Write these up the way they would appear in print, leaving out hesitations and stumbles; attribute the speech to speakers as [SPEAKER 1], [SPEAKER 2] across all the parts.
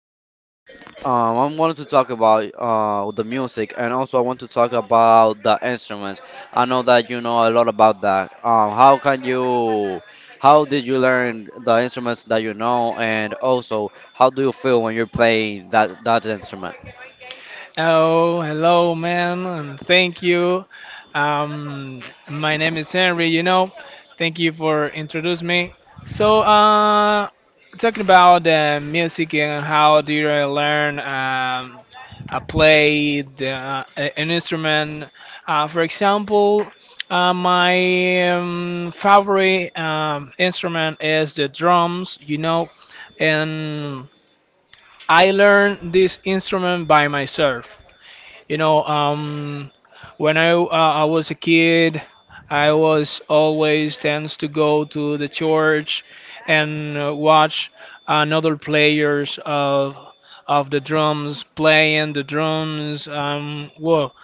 [SPEAKER 1] I wanted to talk about the music, and also I want to talk about the instruments. I know that you know a lot about that. How did you learn the instruments that you know, and also how do you feel when you're playing that instrument,
[SPEAKER 2] Oh, hello, man, and thank you. My name is Henry. Thank you for introducing me. So, talking about the music and how do you really learn play an instrument? For example, my favorite instrument is the drums, and I learned this instrument by myself. You know, um, when I was a kid, I was always tends to go to the church and watch another players of the drums playing the drums. Well,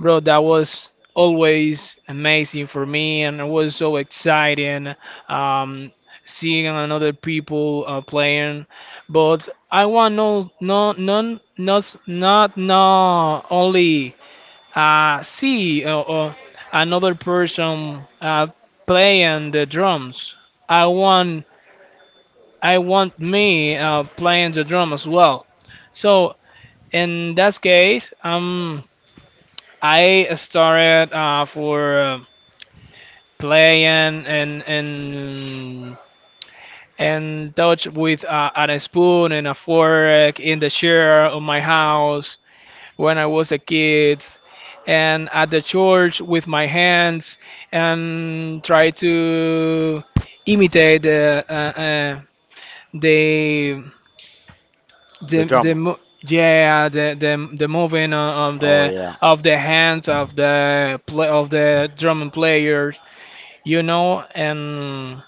[SPEAKER 2] bro, that was always amazing for me, and it was so exciting um, seeing another people playing. But I want none, not only see another person playing the drums. I want, I want me playing the drum as well. So, in that case, I started for playing and touch with a spoon and a fork in the chair of my house when I was a kid, and at the church with my hands and try to imitate the the
[SPEAKER 1] the
[SPEAKER 2] the.
[SPEAKER 1] drum?
[SPEAKER 2] Mo- yeah, the moving of
[SPEAKER 1] Oh
[SPEAKER 2] the of the hands of the play of the drum players, and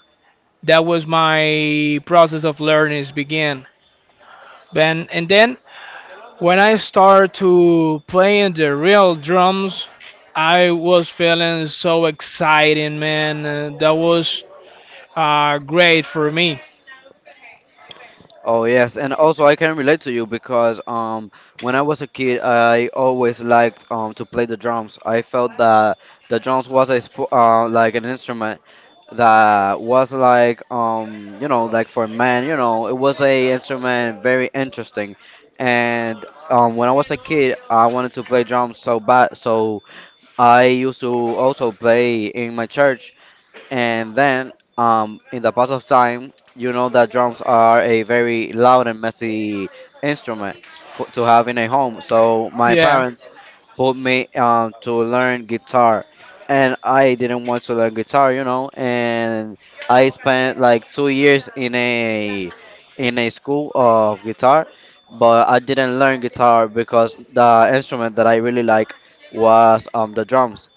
[SPEAKER 2] that was my process of learning is begin then, and then when I started to playing the real drums I was feeling so excited, man. That was great for me.
[SPEAKER 1] Oh yes, and also I can relate to you because when I was a kid I always liked to play the drums. I felt that the drums was a sp like an instrument that was like you know like for men, you know, it was a instrument very interesting, and when I was a kid I wanted to play drums so bad, so I used to also play in my church and in the pass of time, you know that drums are a very loud and messy instrument to have in a home. So my
[SPEAKER 2] Yeah,
[SPEAKER 1] parents put me to learn guitar, and I didn't want to learn guitar, you know. And I spent like 2 years in a school of guitar, but I didn't learn guitar because the instrument that I really like was the drums,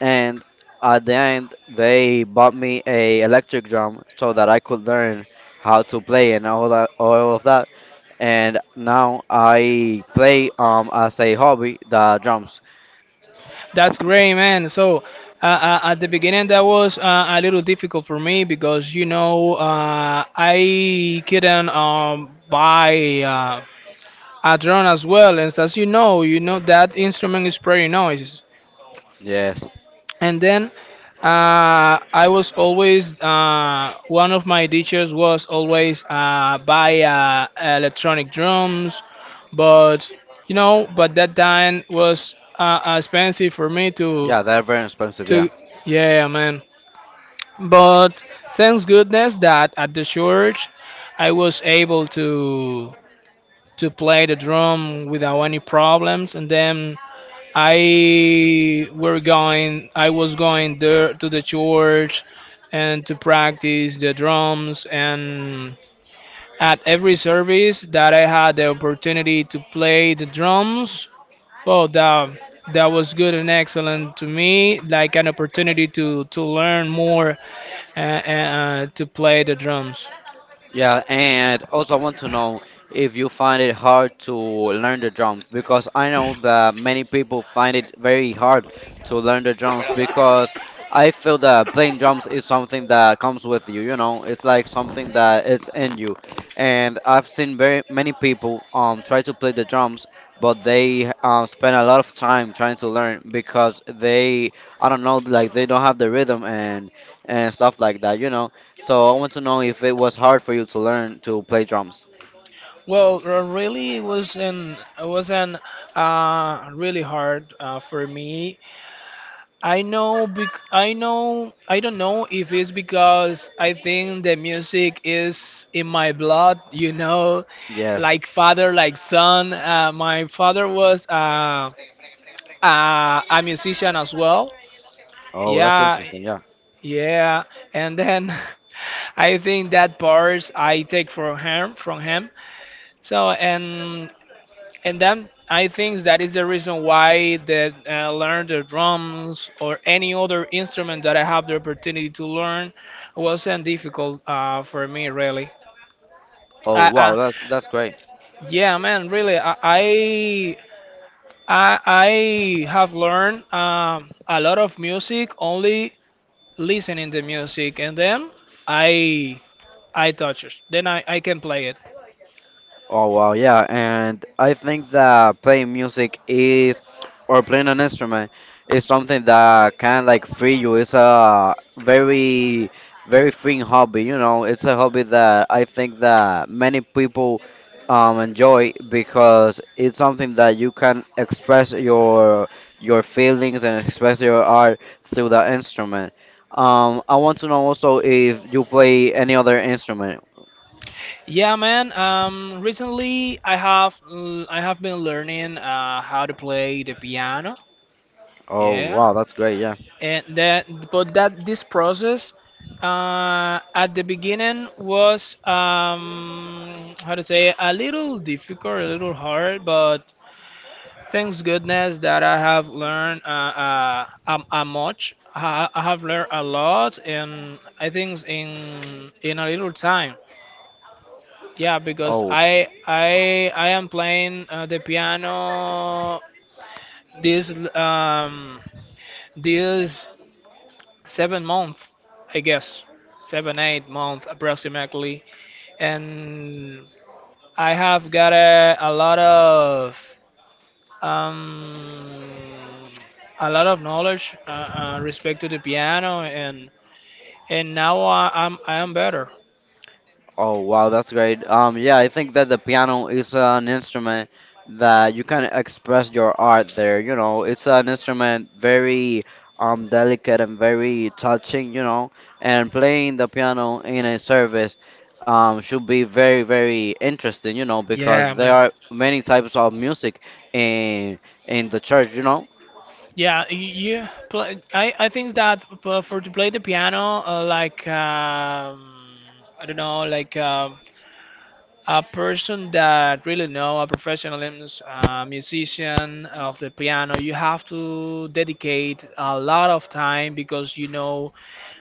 [SPEAKER 1] and at the end they bought me a electric drum so that I could learn how to play, and all of that. And now I play as a hobby the drums.
[SPEAKER 2] that's great, man. So, at the beginning, that was a little difficult for me because you know I couldn't buy a drone as well. And as you know that instrument is pretty noise.
[SPEAKER 1] Yes.
[SPEAKER 2] And then I was always one of my teachers was always buy electronic drums, but but that time was expensive for me
[SPEAKER 1] Yeah, they're very expensive, yeah.
[SPEAKER 2] to yeah, man. But thanks goodness that at the church I was able to play the drum without any problems, and then I was going there to the church and to practice the drums, and at every service that I had the opportunity to play the drums, well, that was good and excellent to me like an opportunity to learn more to play the drums.
[SPEAKER 1] Yeah, and also I want to know if you find it hard to learn the drums, because I know that many people find it very hard to learn the drums, because I feel that playing drums is something that comes with you, you know, it's like something that it's in you. And I've seen very many people try to play the drums, but they spend a lot of time trying to learn because they I don't know, like they don't have the rhythm and stuff like that, you know. So I want to know if it was hard for you to learn to play drums.
[SPEAKER 2] Well, really, it was an really hard for me. I know, I don't know if it's because I think the music is in my blood, you know,
[SPEAKER 1] Yes.
[SPEAKER 2] like father, like son. My father was a musician as well.
[SPEAKER 1] Oh, that's
[SPEAKER 2] Yeah,
[SPEAKER 1] interesting. Yeah.
[SPEAKER 2] yeah, and then I think that part I take from him. So, and then I think that is the reason why that I learned the drums or any other instrument that I have the opportunity to learn wasn't difficult for me really.
[SPEAKER 1] Oh,
[SPEAKER 2] I,
[SPEAKER 1] wow.
[SPEAKER 2] I,
[SPEAKER 1] That's great.
[SPEAKER 2] yeah, man, really, I have learned a lot of music only listening to music, and then I, I touch it. Then I can play it.
[SPEAKER 1] Oh wow, yeah, and I think that playing music is, or playing an instrument, is something that can like free you. It's a very very freeing hobby, you know. It's a hobby that I think that many people enjoy because it's something that you can express your feelings and express your art through the instrument. I want to know also if you play any other instrument.
[SPEAKER 2] Yeah, man. Recently I have been learning how to play the piano.
[SPEAKER 1] Oh
[SPEAKER 2] Yeah,
[SPEAKER 1] wow, that's great, yeah.
[SPEAKER 2] and that but that this process at the beginning was how to say a little difficult, a little hard, but thanks goodness that I have learned a much. I have learned a lot, and I think in a little time. Yeah, because
[SPEAKER 1] Oh,
[SPEAKER 2] I am playing the piano this l- um this 7 month, I guess, 7 8 month approximately, and I have got um a lot of knowledge respect to the piano, and now I am better.
[SPEAKER 1] Oh wow, that's great. Yeah, I think that the piano is an instrument that you can express your art there. You know, it's an instrument very delicate and very touching. You know, and playing the piano in a service should be very very interesting. You know, because
[SPEAKER 2] Yeah,
[SPEAKER 1] there
[SPEAKER 2] man.
[SPEAKER 1] are many types of music in in the church. You know.
[SPEAKER 2] Yeah, I think that for to play the piano, like I don't know, like a person that really know a professional musician of the piano, you have to dedicate a lot of time because you know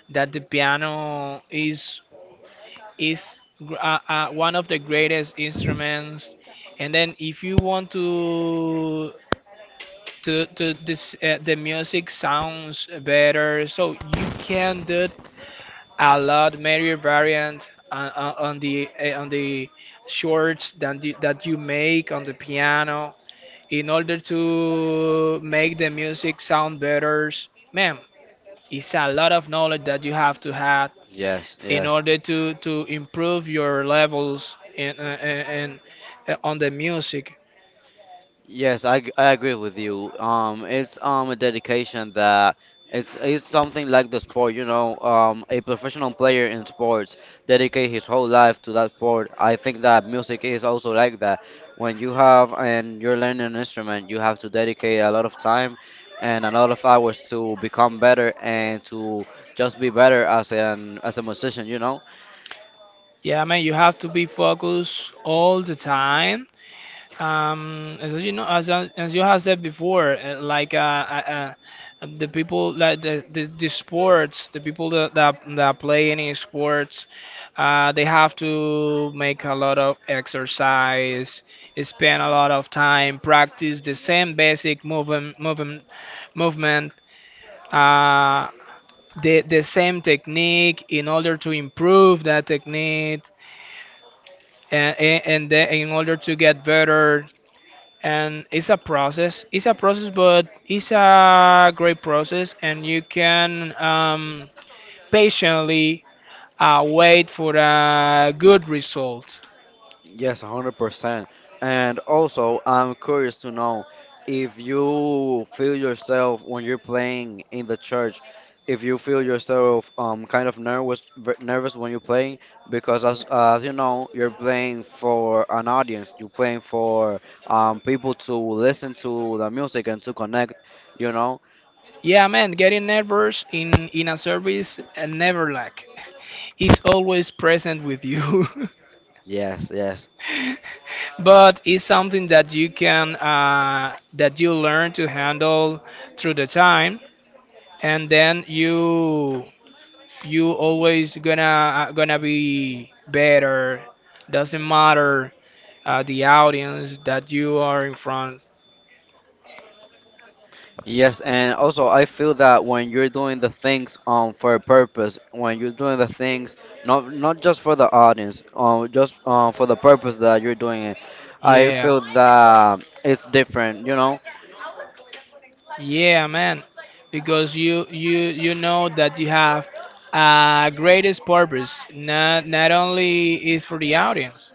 [SPEAKER 2] that the piano is one of the greatest instruments. And then if you want to this the music sounds better so you can do a lot many variant on the shorts that you make on the piano in order to make the music sound better, man, it's a lot of knowledge that you have to have
[SPEAKER 1] Yes,
[SPEAKER 2] in
[SPEAKER 1] yes.
[SPEAKER 2] order to improve your levels in and on the music.
[SPEAKER 1] I agree with you. It's a dedication that, it's something like the sport, you know. A professional player in sports dedicate his whole life to that sport. I think that music is also like that. When you have and you're learning an instrument, you have to dedicate a lot of time and a lot of hours to become better and to just be better as an as a musician, you know.
[SPEAKER 2] Yeah, man, you have to be focused all the time. As you know, as you have said before, like the people like the sports, the people that play any sports, they have to make a lot of exercise, spend a lot of time, practice the same basic movement. Uh, the the same technique in order to improve that technique, and in order to get better, and it's a process but it's a great process, and you can patiently wait for a good result.
[SPEAKER 1] Yes, 100%. And also, I'm curious to know if you feel yourself when you're playing in the church, if you feel yourself kind of nervous when you're playing, because as you know, you're playing for an audience, you're playing for people to listen to the music and to connect, you know?
[SPEAKER 2] Yeah, man, getting nervous in a service never lack. It's always present with you.
[SPEAKER 1] Yes, yes.
[SPEAKER 2] But it's something that you learn to handle through the time, and then you always gonna gonna be better, doesn't matter the audience that you are in front.
[SPEAKER 1] Yes, and also I feel that when you're doing the things for a purpose, when you're doing the things not just for the audience, just for the purpose that you're doing it, I
[SPEAKER 2] Yeah.
[SPEAKER 1] feel that it's different, you know.
[SPEAKER 2] Yeah, man, because you know that you have a greatest purpose, not only is for the audience.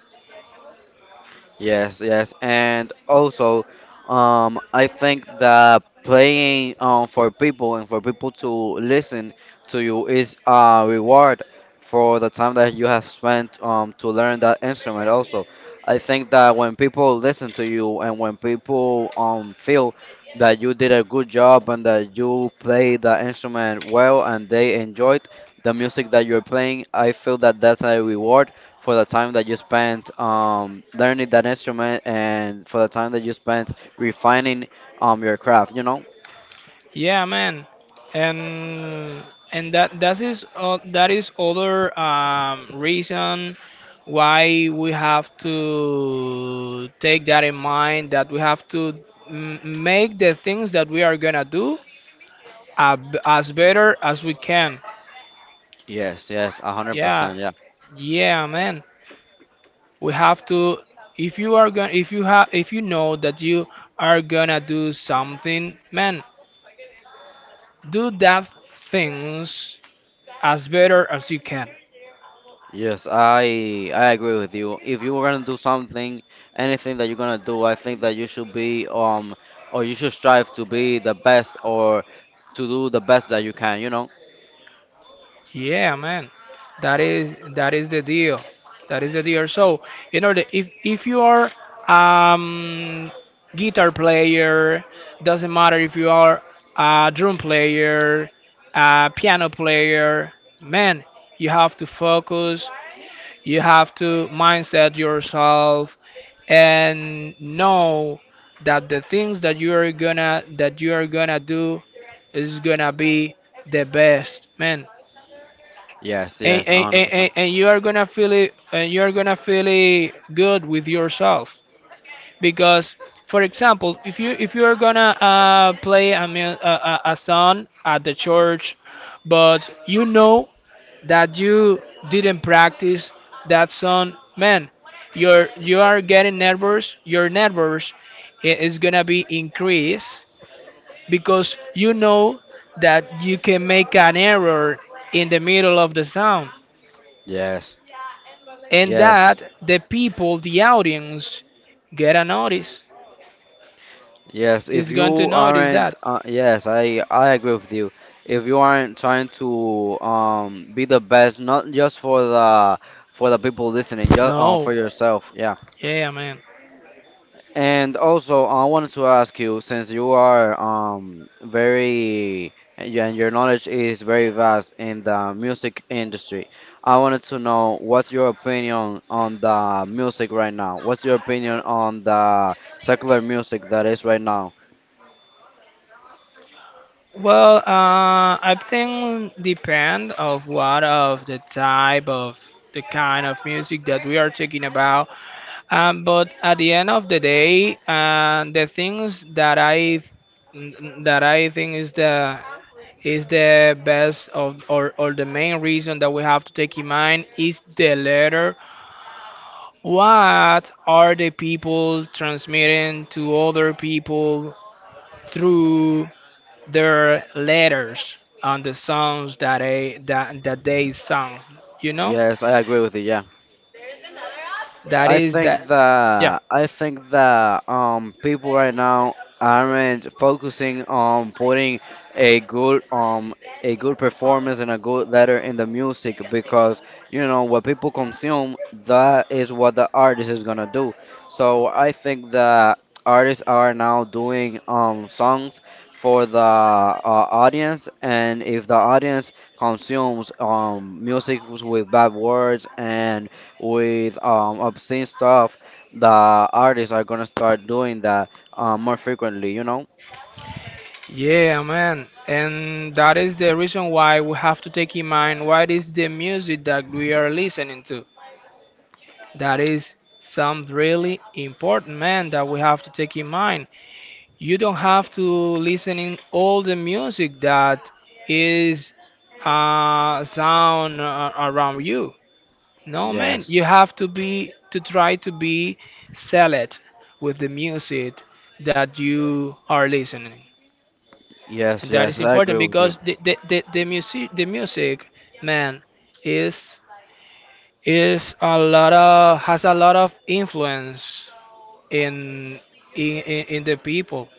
[SPEAKER 1] Yes, yes, and also, I think that playing for people, and for people to listen to you, is a reward for the time that you have spent to learn that instrument. Also, I think that when people listen to you and when people feel that you did a good job and that you play the instrument well and they enjoyed the music that you're playing, I feel that that's a reward for the time that you spent learning that instrument and for the time that you spent refining your craft, you know?
[SPEAKER 2] Yeah, man, and and that is other reason why we have to take that in mind, that we have to make the things that we are gonna do as better as we can.
[SPEAKER 1] Yes, yes, a hundred
[SPEAKER 2] Yeah,
[SPEAKER 1] percent, yeah.
[SPEAKER 2] yeah, man. We have to. If you are going, if you have, if you know that you are gonna do something, man, do that things as better as you can.
[SPEAKER 1] Yes, I agree with you. If you were gonna do something, anything that you're gonna do, I think that you should be or you should strive to be the best, or to do the best that you can, you know?
[SPEAKER 2] Yeah, man, that is the deal. That is the deal. So, you know, if you are um guitar player, doesn't matter if you are a drum player, a piano player, man, you have to focus. You have to mindset yourself and know that the things that you are gonna do is gonna be the best, man,
[SPEAKER 1] Yes, yes, a hundred percent.
[SPEAKER 2] and you are gonna feel it, and you are gonna feel it good with yourself. Because, for example, if you are gonna play a song at the church, but you know that you didn't practice that song, man, you are getting nervous, your nervous is gonna be increased because you know that you can make an error in the middle of the song,
[SPEAKER 1] Yes,
[SPEAKER 2] and
[SPEAKER 1] yes.
[SPEAKER 2] that the people, the audience, get a notice.
[SPEAKER 1] Yes, if
[SPEAKER 2] Is going to
[SPEAKER 1] you
[SPEAKER 2] notice
[SPEAKER 1] aren't,
[SPEAKER 2] that.
[SPEAKER 1] yes, I agree with you. If you aren't trying to be the best, not just for the people listening, just
[SPEAKER 2] No.
[SPEAKER 1] for yourself, yeah.
[SPEAKER 2] Yeah, man.
[SPEAKER 1] And also, I wanted to ask you, since you are very and your knowledge is very vast in the music industry, I wanted to know, what's your opinion on the music right now? What's your opinion on the secular music that is right now?
[SPEAKER 2] Well, I think depend of what of the type of the kind of music that we are talking about. But at the end of the day, the things that I think is the best of, or the main reason that we have to take in mind, is the letter. What are the people transmitting to other people through their letters and the songs that they sung? You know,
[SPEAKER 1] Yes, I agree with you. Yeah,
[SPEAKER 2] that is that. Yeah,
[SPEAKER 1] I think that people right now aren't focusing on putting a good um a good performance and a good letter in the music, because you know what people consume, that is what the artist is gonna do. So I think that artists are now doing songs for the audience, and if the audience consumes music with bad words and with obscene stuff, that artists are gonna start doing that more frequently, you know?
[SPEAKER 2] yeah, man, and that is the reason why we have to take in mind what is the music that we are listening to. That is some really important, man, that we have to take in mind. You don't have to listen in all the music that is sound around you. No, man,
[SPEAKER 1] Yes,
[SPEAKER 2] you have to be to try to be select with the music that you are listening, and
[SPEAKER 1] yes,
[SPEAKER 2] that
[SPEAKER 1] yes,
[SPEAKER 2] is
[SPEAKER 1] I
[SPEAKER 2] important
[SPEAKER 1] agree with you.
[SPEAKER 2] because the music man is is a lot of has a lot of influence in in the people.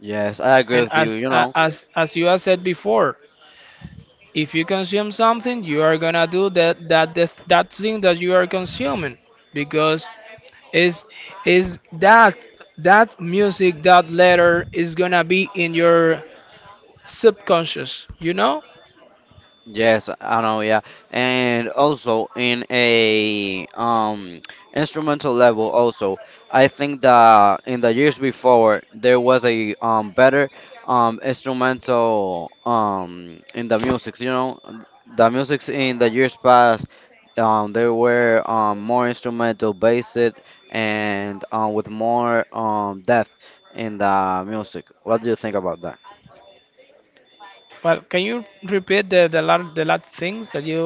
[SPEAKER 1] Yes, I agree
[SPEAKER 2] And
[SPEAKER 1] with you, you know?
[SPEAKER 2] as you have said before, if you consume something, you are gonna do that thing that you are consuming because is is that that music, that letter, is gonna be in your subconscious.
[SPEAKER 1] Yes, I know, yeah. And also in a instrumental level also, I think that in the years before there was a better instrumental in the music, you know, the music in the years past they were more instrumental based and with more depth in the music. What do you think about that?
[SPEAKER 2] Well, can you repeat the lot things that you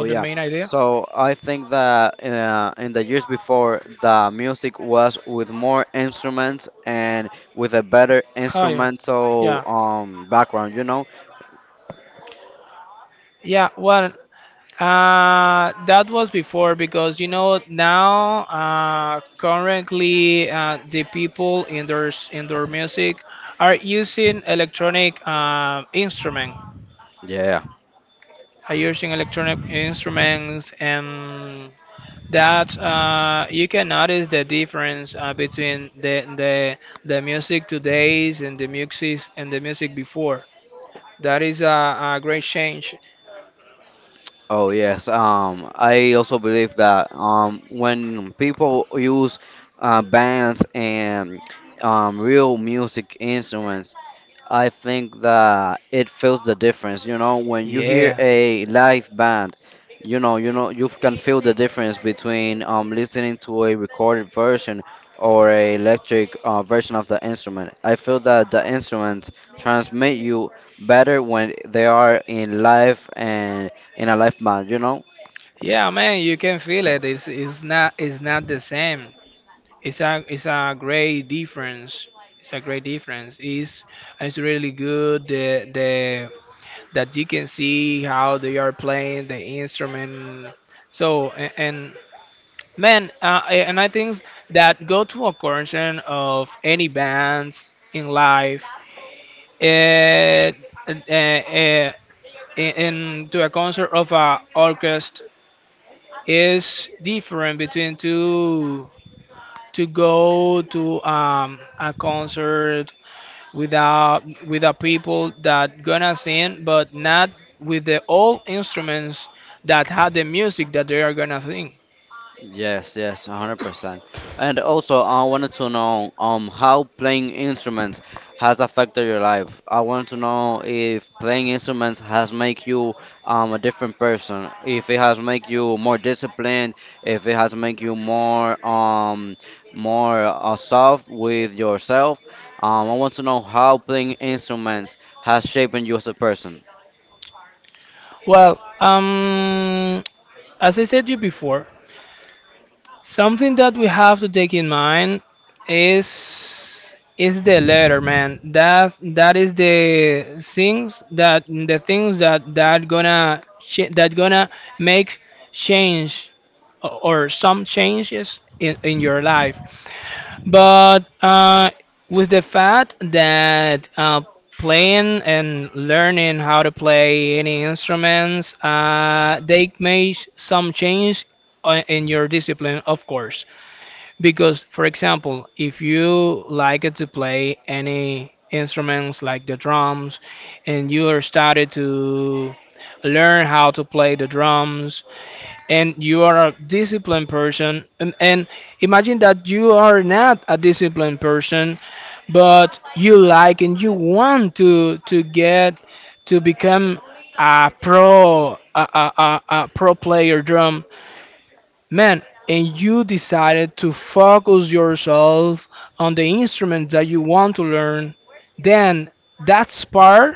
[SPEAKER 2] or the
[SPEAKER 1] yeah.
[SPEAKER 2] main idea?
[SPEAKER 1] So I think that in the years before, the music was with more instruments and with a better
[SPEAKER 2] Oh yeah,
[SPEAKER 1] instrumental
[SPEAKER 2] yeah,
[SPEAKER 1] background, you know?
[SPEAKER 2] yeah. Well, that was before, because you know now currently the people in their music are using electronic instrument,
[SPEAKER 1] Yeah.
[SPEAKER 2] are using electronic instruments, and that you can notice the difference between the music today's and the music before, that is a great change.
[SPEAKER 1] Oh yes. I also believe that when people use bands and real music instruments, I think that it feels the difference. You know, when you hear
[SPEAKER 2] Yeah.
[SPEAKER 1] a live band, you know, you can feel the difference between listening to a recorded version or a electric version of the instrument. I feel that the instruments transmit you better when they are in live and in a live band. You know.
[SPEAKER 2] Yeah, man, you can feel it. It's not it's not the same. It's a great difference. It's a great difference. It's really good the that you can see how they are playing the instrument. So and man, and I think that go to a concert of any bands in life, uh, uh, uh, in to a concert of a orchestra. It's different between to go to a concert without with the people that gonna sing, but not with the old instruments that have the music that they are gonna sing.
[SPEAKER 1] Yes, yes, 100%. And also, I wanted to know how playing instruments has affected your life. I want to know if playing instruments has make you a different person, if it has make you more disciplined, if it has make you more soft with yourself. I want to know how playing instruments has shaped you as a person.
[SPEAKER 2] Well, as I said you before, something that we have to take in mind is is the letter, man. That is the things that that gonna make change or some changes in, your life. But with the fact that playing and learning how to play any instruments, they make some change in your discipline, of course. Because, for example, if you like to play any instruments like the drums, and you are started to learn how to play the drums, and you are a disciplined person, and imagine that you are not a disciplined person, but you like and you want to get to become a pro a pro player drum, man, and you decided to focus yourself on the instrument that you want to learn, then that spark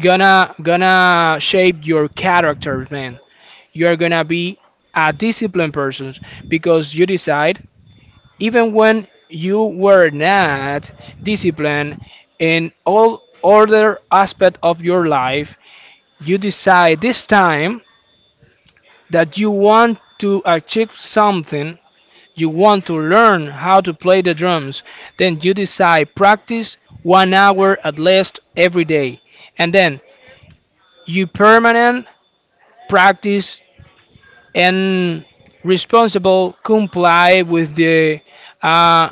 [SPEAKER 2] gonna shape your character, man. You're gonna be a disciplined person because you decide even when you were not disciplined in all other aspect of your life, you decide this time that you want to achieve something. You want to learn how to play the drums. Then you decide practice 1 hour at least every day. And then you permanent practice and responsible comply with the uh,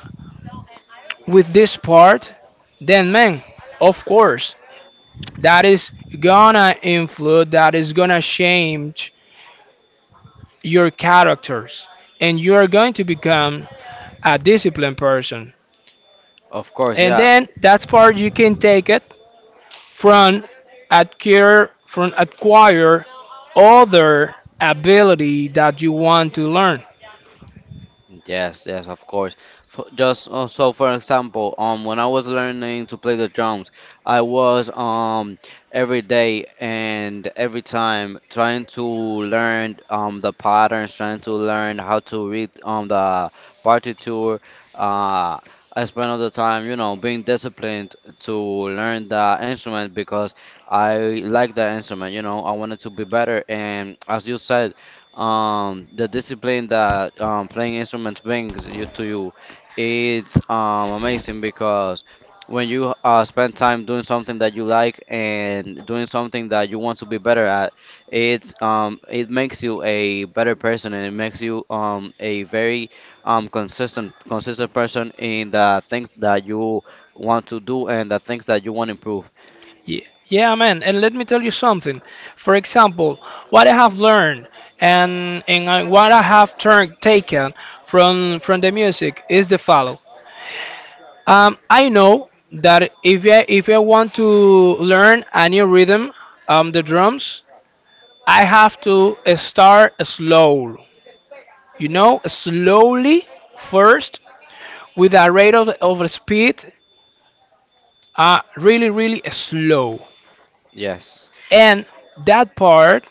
[SPEAKER 2] with this part. Then man, of course, that is gonna influence, that is gonna change your characters and you are going to become a disciplined person.
[SPEAKER 1] Of course,
[SPEAKER 2] And
[SPEAKER 1] yeah.
[SPEAKER 2] then that's part you can take it from from acquire other ability that you want to learn.
[SPEAKER 1] Yes, yes, of course. For example, when I was learning to play the drums, I was every day and every time trying to learn the patterns, trying to learn how to read the partitur. Uh, I spent all the time, you know, being disciplined to learn the instrument because I like the instrument. You know, I wanted to be better, and as you said the discipline that playing instruments brings you to you, it's amazing because when you spend time doing something that you like and doing something that you want to be better at, it's it makes you a better person and it makes you a very consistent person in the things that you want to do and the things that you want to improve.
[SPEAKER 2] Yeah, man. And let me tell you something. For example, what I have learned and and I- what I have turned taken from the music is the follow. I know that if I want to learn a new rhythm, the drums, I have to start slow. You know, slowly first with a rate of speed, really really slow,
[SPEAKER 1] Yes.
[SPEAKER 2] and that part,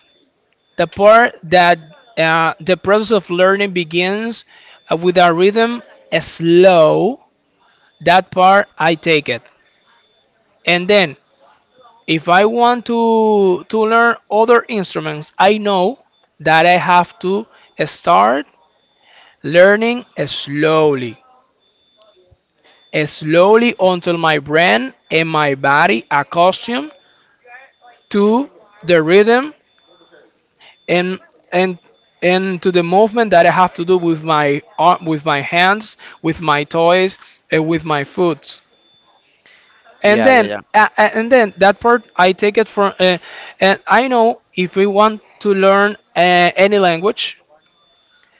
[SPEAKER 2] the part that, the process of learning begins with a rhythm slow, that part I take it. And then if I want to learn other instruments, I know that I have to start learning slowly, slowly until my brain and my body accustomed to the rhythm and and and to the movement that I have to do with my arm, with my hands, with my toys, and with my foot.
[SPEAKER 1] Yeah, yeah yeah.
[SPEAKER 2] And then that part I take it from, and I know if we want to learn any language,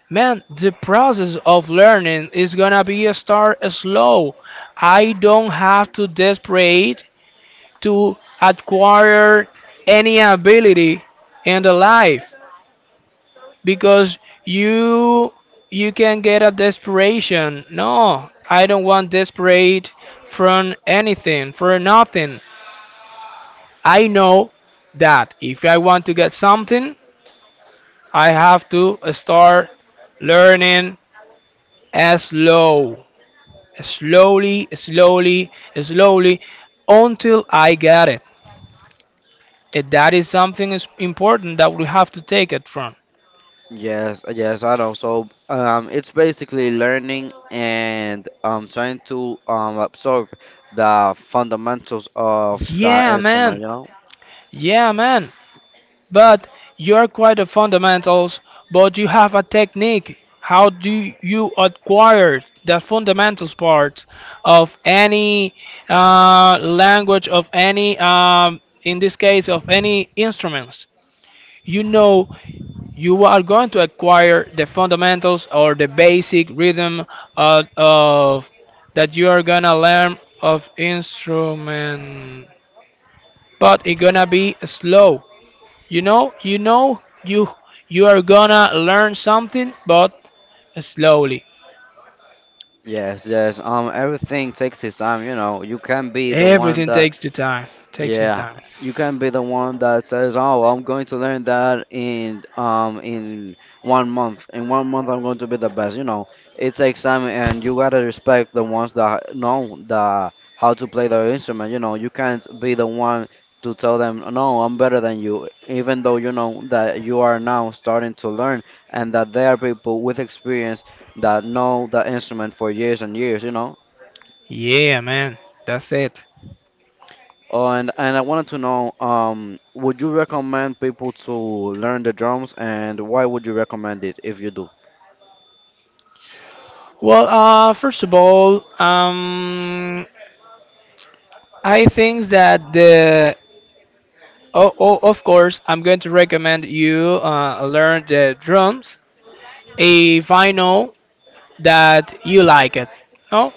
[SPEAKER 2] man, the process of learning is gonna be a start slow. I don't have to desperate to acquire any ability in the life, because you you can get a desperation. No, I don't want desperate from anything for nothing. I know that if I want to get something, I have to start learning as slow, slowly, slowly, slowly, until I get it, and that is something is important that we have to take it from.
[SPEAKER 1] Yes, yes, I know. So, it's basically learning and trying to absorb the fundamentals of the
[SPEAKER 2] Yeah,
[SPEAKER 1] instrument,
[SPEAKER 2] man.
[SPEAKER 1] you know?
[SPEAKER 2] Yeah, man. But you're quite a fundamentals, but you have a technique. How do you acquire the fundamentals part of any language, of any, in this case, of any instruments? You know, you are going to acquire the fundamentals or the basic rhythm of that you are gonna learn of instrument, but it's gonna be slow. You know, you, you are gonna learn something, but slowly.
[SPEAKER 1] Yes, yes. Everything takes its time, you know. You can be the one
[SPEAKER 2] Everything
[SPEAKER 1] that
[SPEAKER 2] takes the time, takes his
[SPEAKER 1] Yeah,
[SPEAKER 2] time.
[SPEAKER 1] you can be the one that says, "Oh, I'm going to learn that in 1 month. In 1 month, I'm going to be the best." You know, it takes time, and you gotta respect the ones that know the how to play their instrument. You know, you can't be the one to tell them, "No, I'm better than you," even though you know that you are now starting to learn, and that there are people with experience that know the instrument for years and years. You know,
[SPEAKER 2] Yeah, man, that's it.
[SPEAKER 1] And I wanted to know, would you recommend people to learn the drums, and why would you recommend it if you do?
[SPEAKER 2] Well, first of all, I think that the, oh, of course, I'm going to recommend you learn the drums if I know that you like it. No,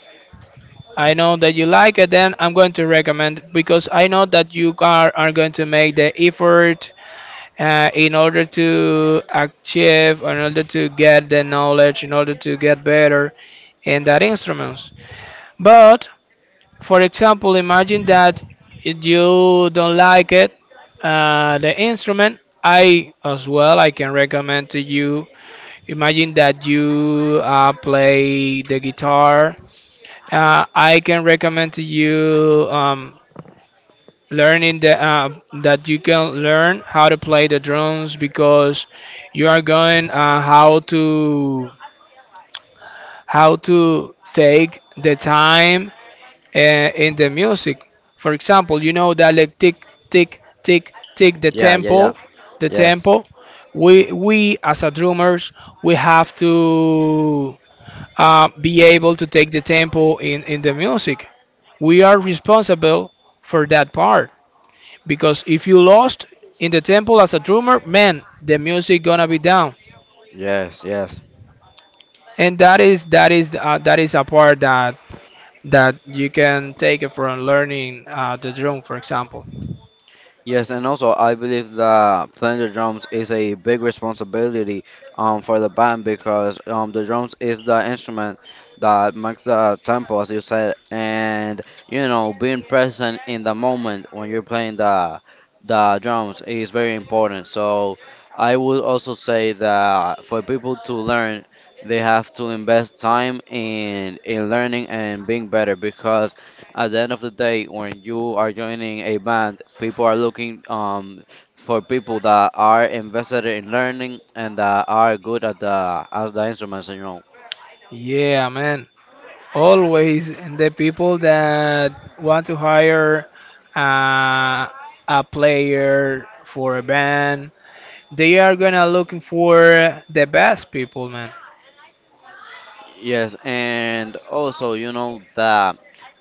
[SPEAKER 2] I know that you like it, then I'm going to recommend because I know that you are going to make the effort in order to achieve, in order to get the knowledge, in order to get better in that instruments. But for example, imagine that if you don't like it, the instrument. I as well, I can recommend to you. Imagine that you play the guitar. I can recommend to you. Learning the that you can learn how to play the drums because you are going how to take the time uh, in the music. For example, you know that like tick tick tick tick the
[SPEAKER 1] Yeah, yeah, yeah.
[SPEAKER 2] tempo, the
[SPEAKER 1] Yes,
[SPEAKER 2] tempo. We as a drummers, we have to be able to take the tempo in the music. We are responsible for that part, because if you lost in the temple as a drummer, man, the music gonna be down.
[SPEAKER 1] yes, yes.
[SPEAKER 2] And that is, that is that is a part that that you can take it from learning, the drum for example.
[SPEAKER 1] Yes, and also I believe that playing the drums is a big responsibility for the band, because the drums is the instrument that makes the tempo, as you said, and you know being present in the moment when you're playing the drums is very important. So I would also say that for people to learn, they have to invest time in learning and being better, because at the end of the day, when you are joining a band, people are looking for people that are invested in learning and that are good at the instruments, you know.
[SPEAKER 2] Yeah, man. Always the people that want to hire uh, a player for a band, they are gonna looking for the best people, man.
[SPEAKER 1] Yes, and also you know that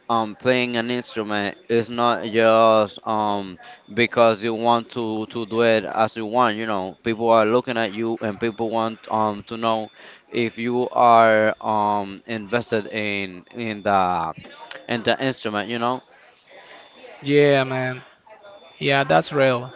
[SPEAKER 1] playing an instrument is not just because you want to do it as you want, you know. People are looking at you and people want to know if you are invested in in the instrument, you know.
[SPEAKER 2] Yeah, man. Yeah, that's real.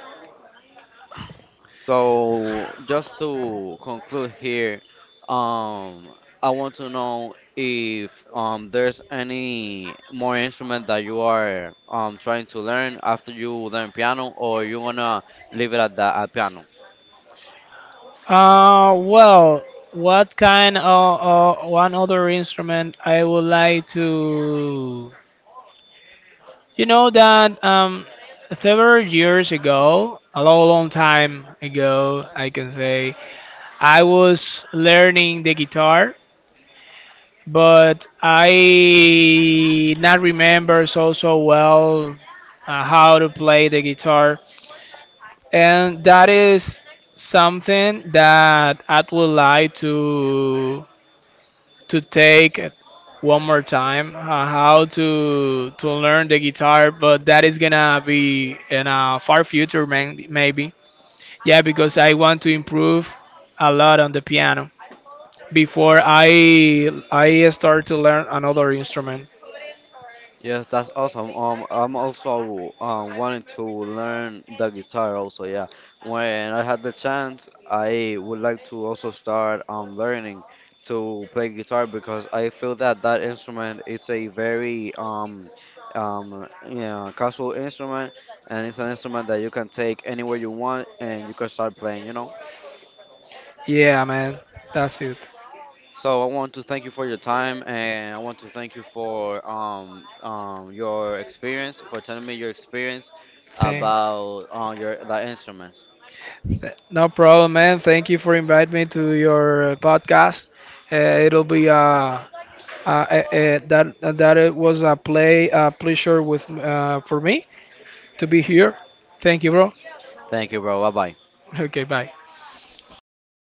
[SPEAKER 1] So just to conclude here, um, I want to know if there's any more instrument that you are trying to learn after you learn piano, or you wanna leave it at the at piano.
[SPEAKER 2] Well, what kind of one other instrument I would like to? You know that several years ago, a long, long time ago, I can say, I was learning the guitar, but I not remember so so well how to play the guitar, and that is something that I would like to take it one more time, how to learn the guitar, but that is gonna be in a far future, man, maybe. Yeah, because I want to improve a lot on the piano before I start to learn another instrument.
[SPEAKER 1] Yes, that's awesome. I'm also wanting to learn the guitar also, yeah. When I had the chance, I would like to also start learning to play guitar because I feel that that instrument is a very yeah casual instrument, and it's an instrument that you can take anywhere you want and you can start playing, you know.
[SPEAKER 2] Yeah, man, that's it.
[SPEAKER 1] So I want to thank you for your time, and I want to thank you for your experience, for telling me your experience
[SPEAKER 2] Thank-
[SPEAKER 1] about your the instruments.
[SPEAKER 2] no problem, man, thank you for inviting me to your podcast. uh, It'll be that that it was a pleasure with for me to be here. Thank you, bro.
[SPEAKER 1] Thank you, bro. Bye bye.
[SPEAKER 2] Okay, bye.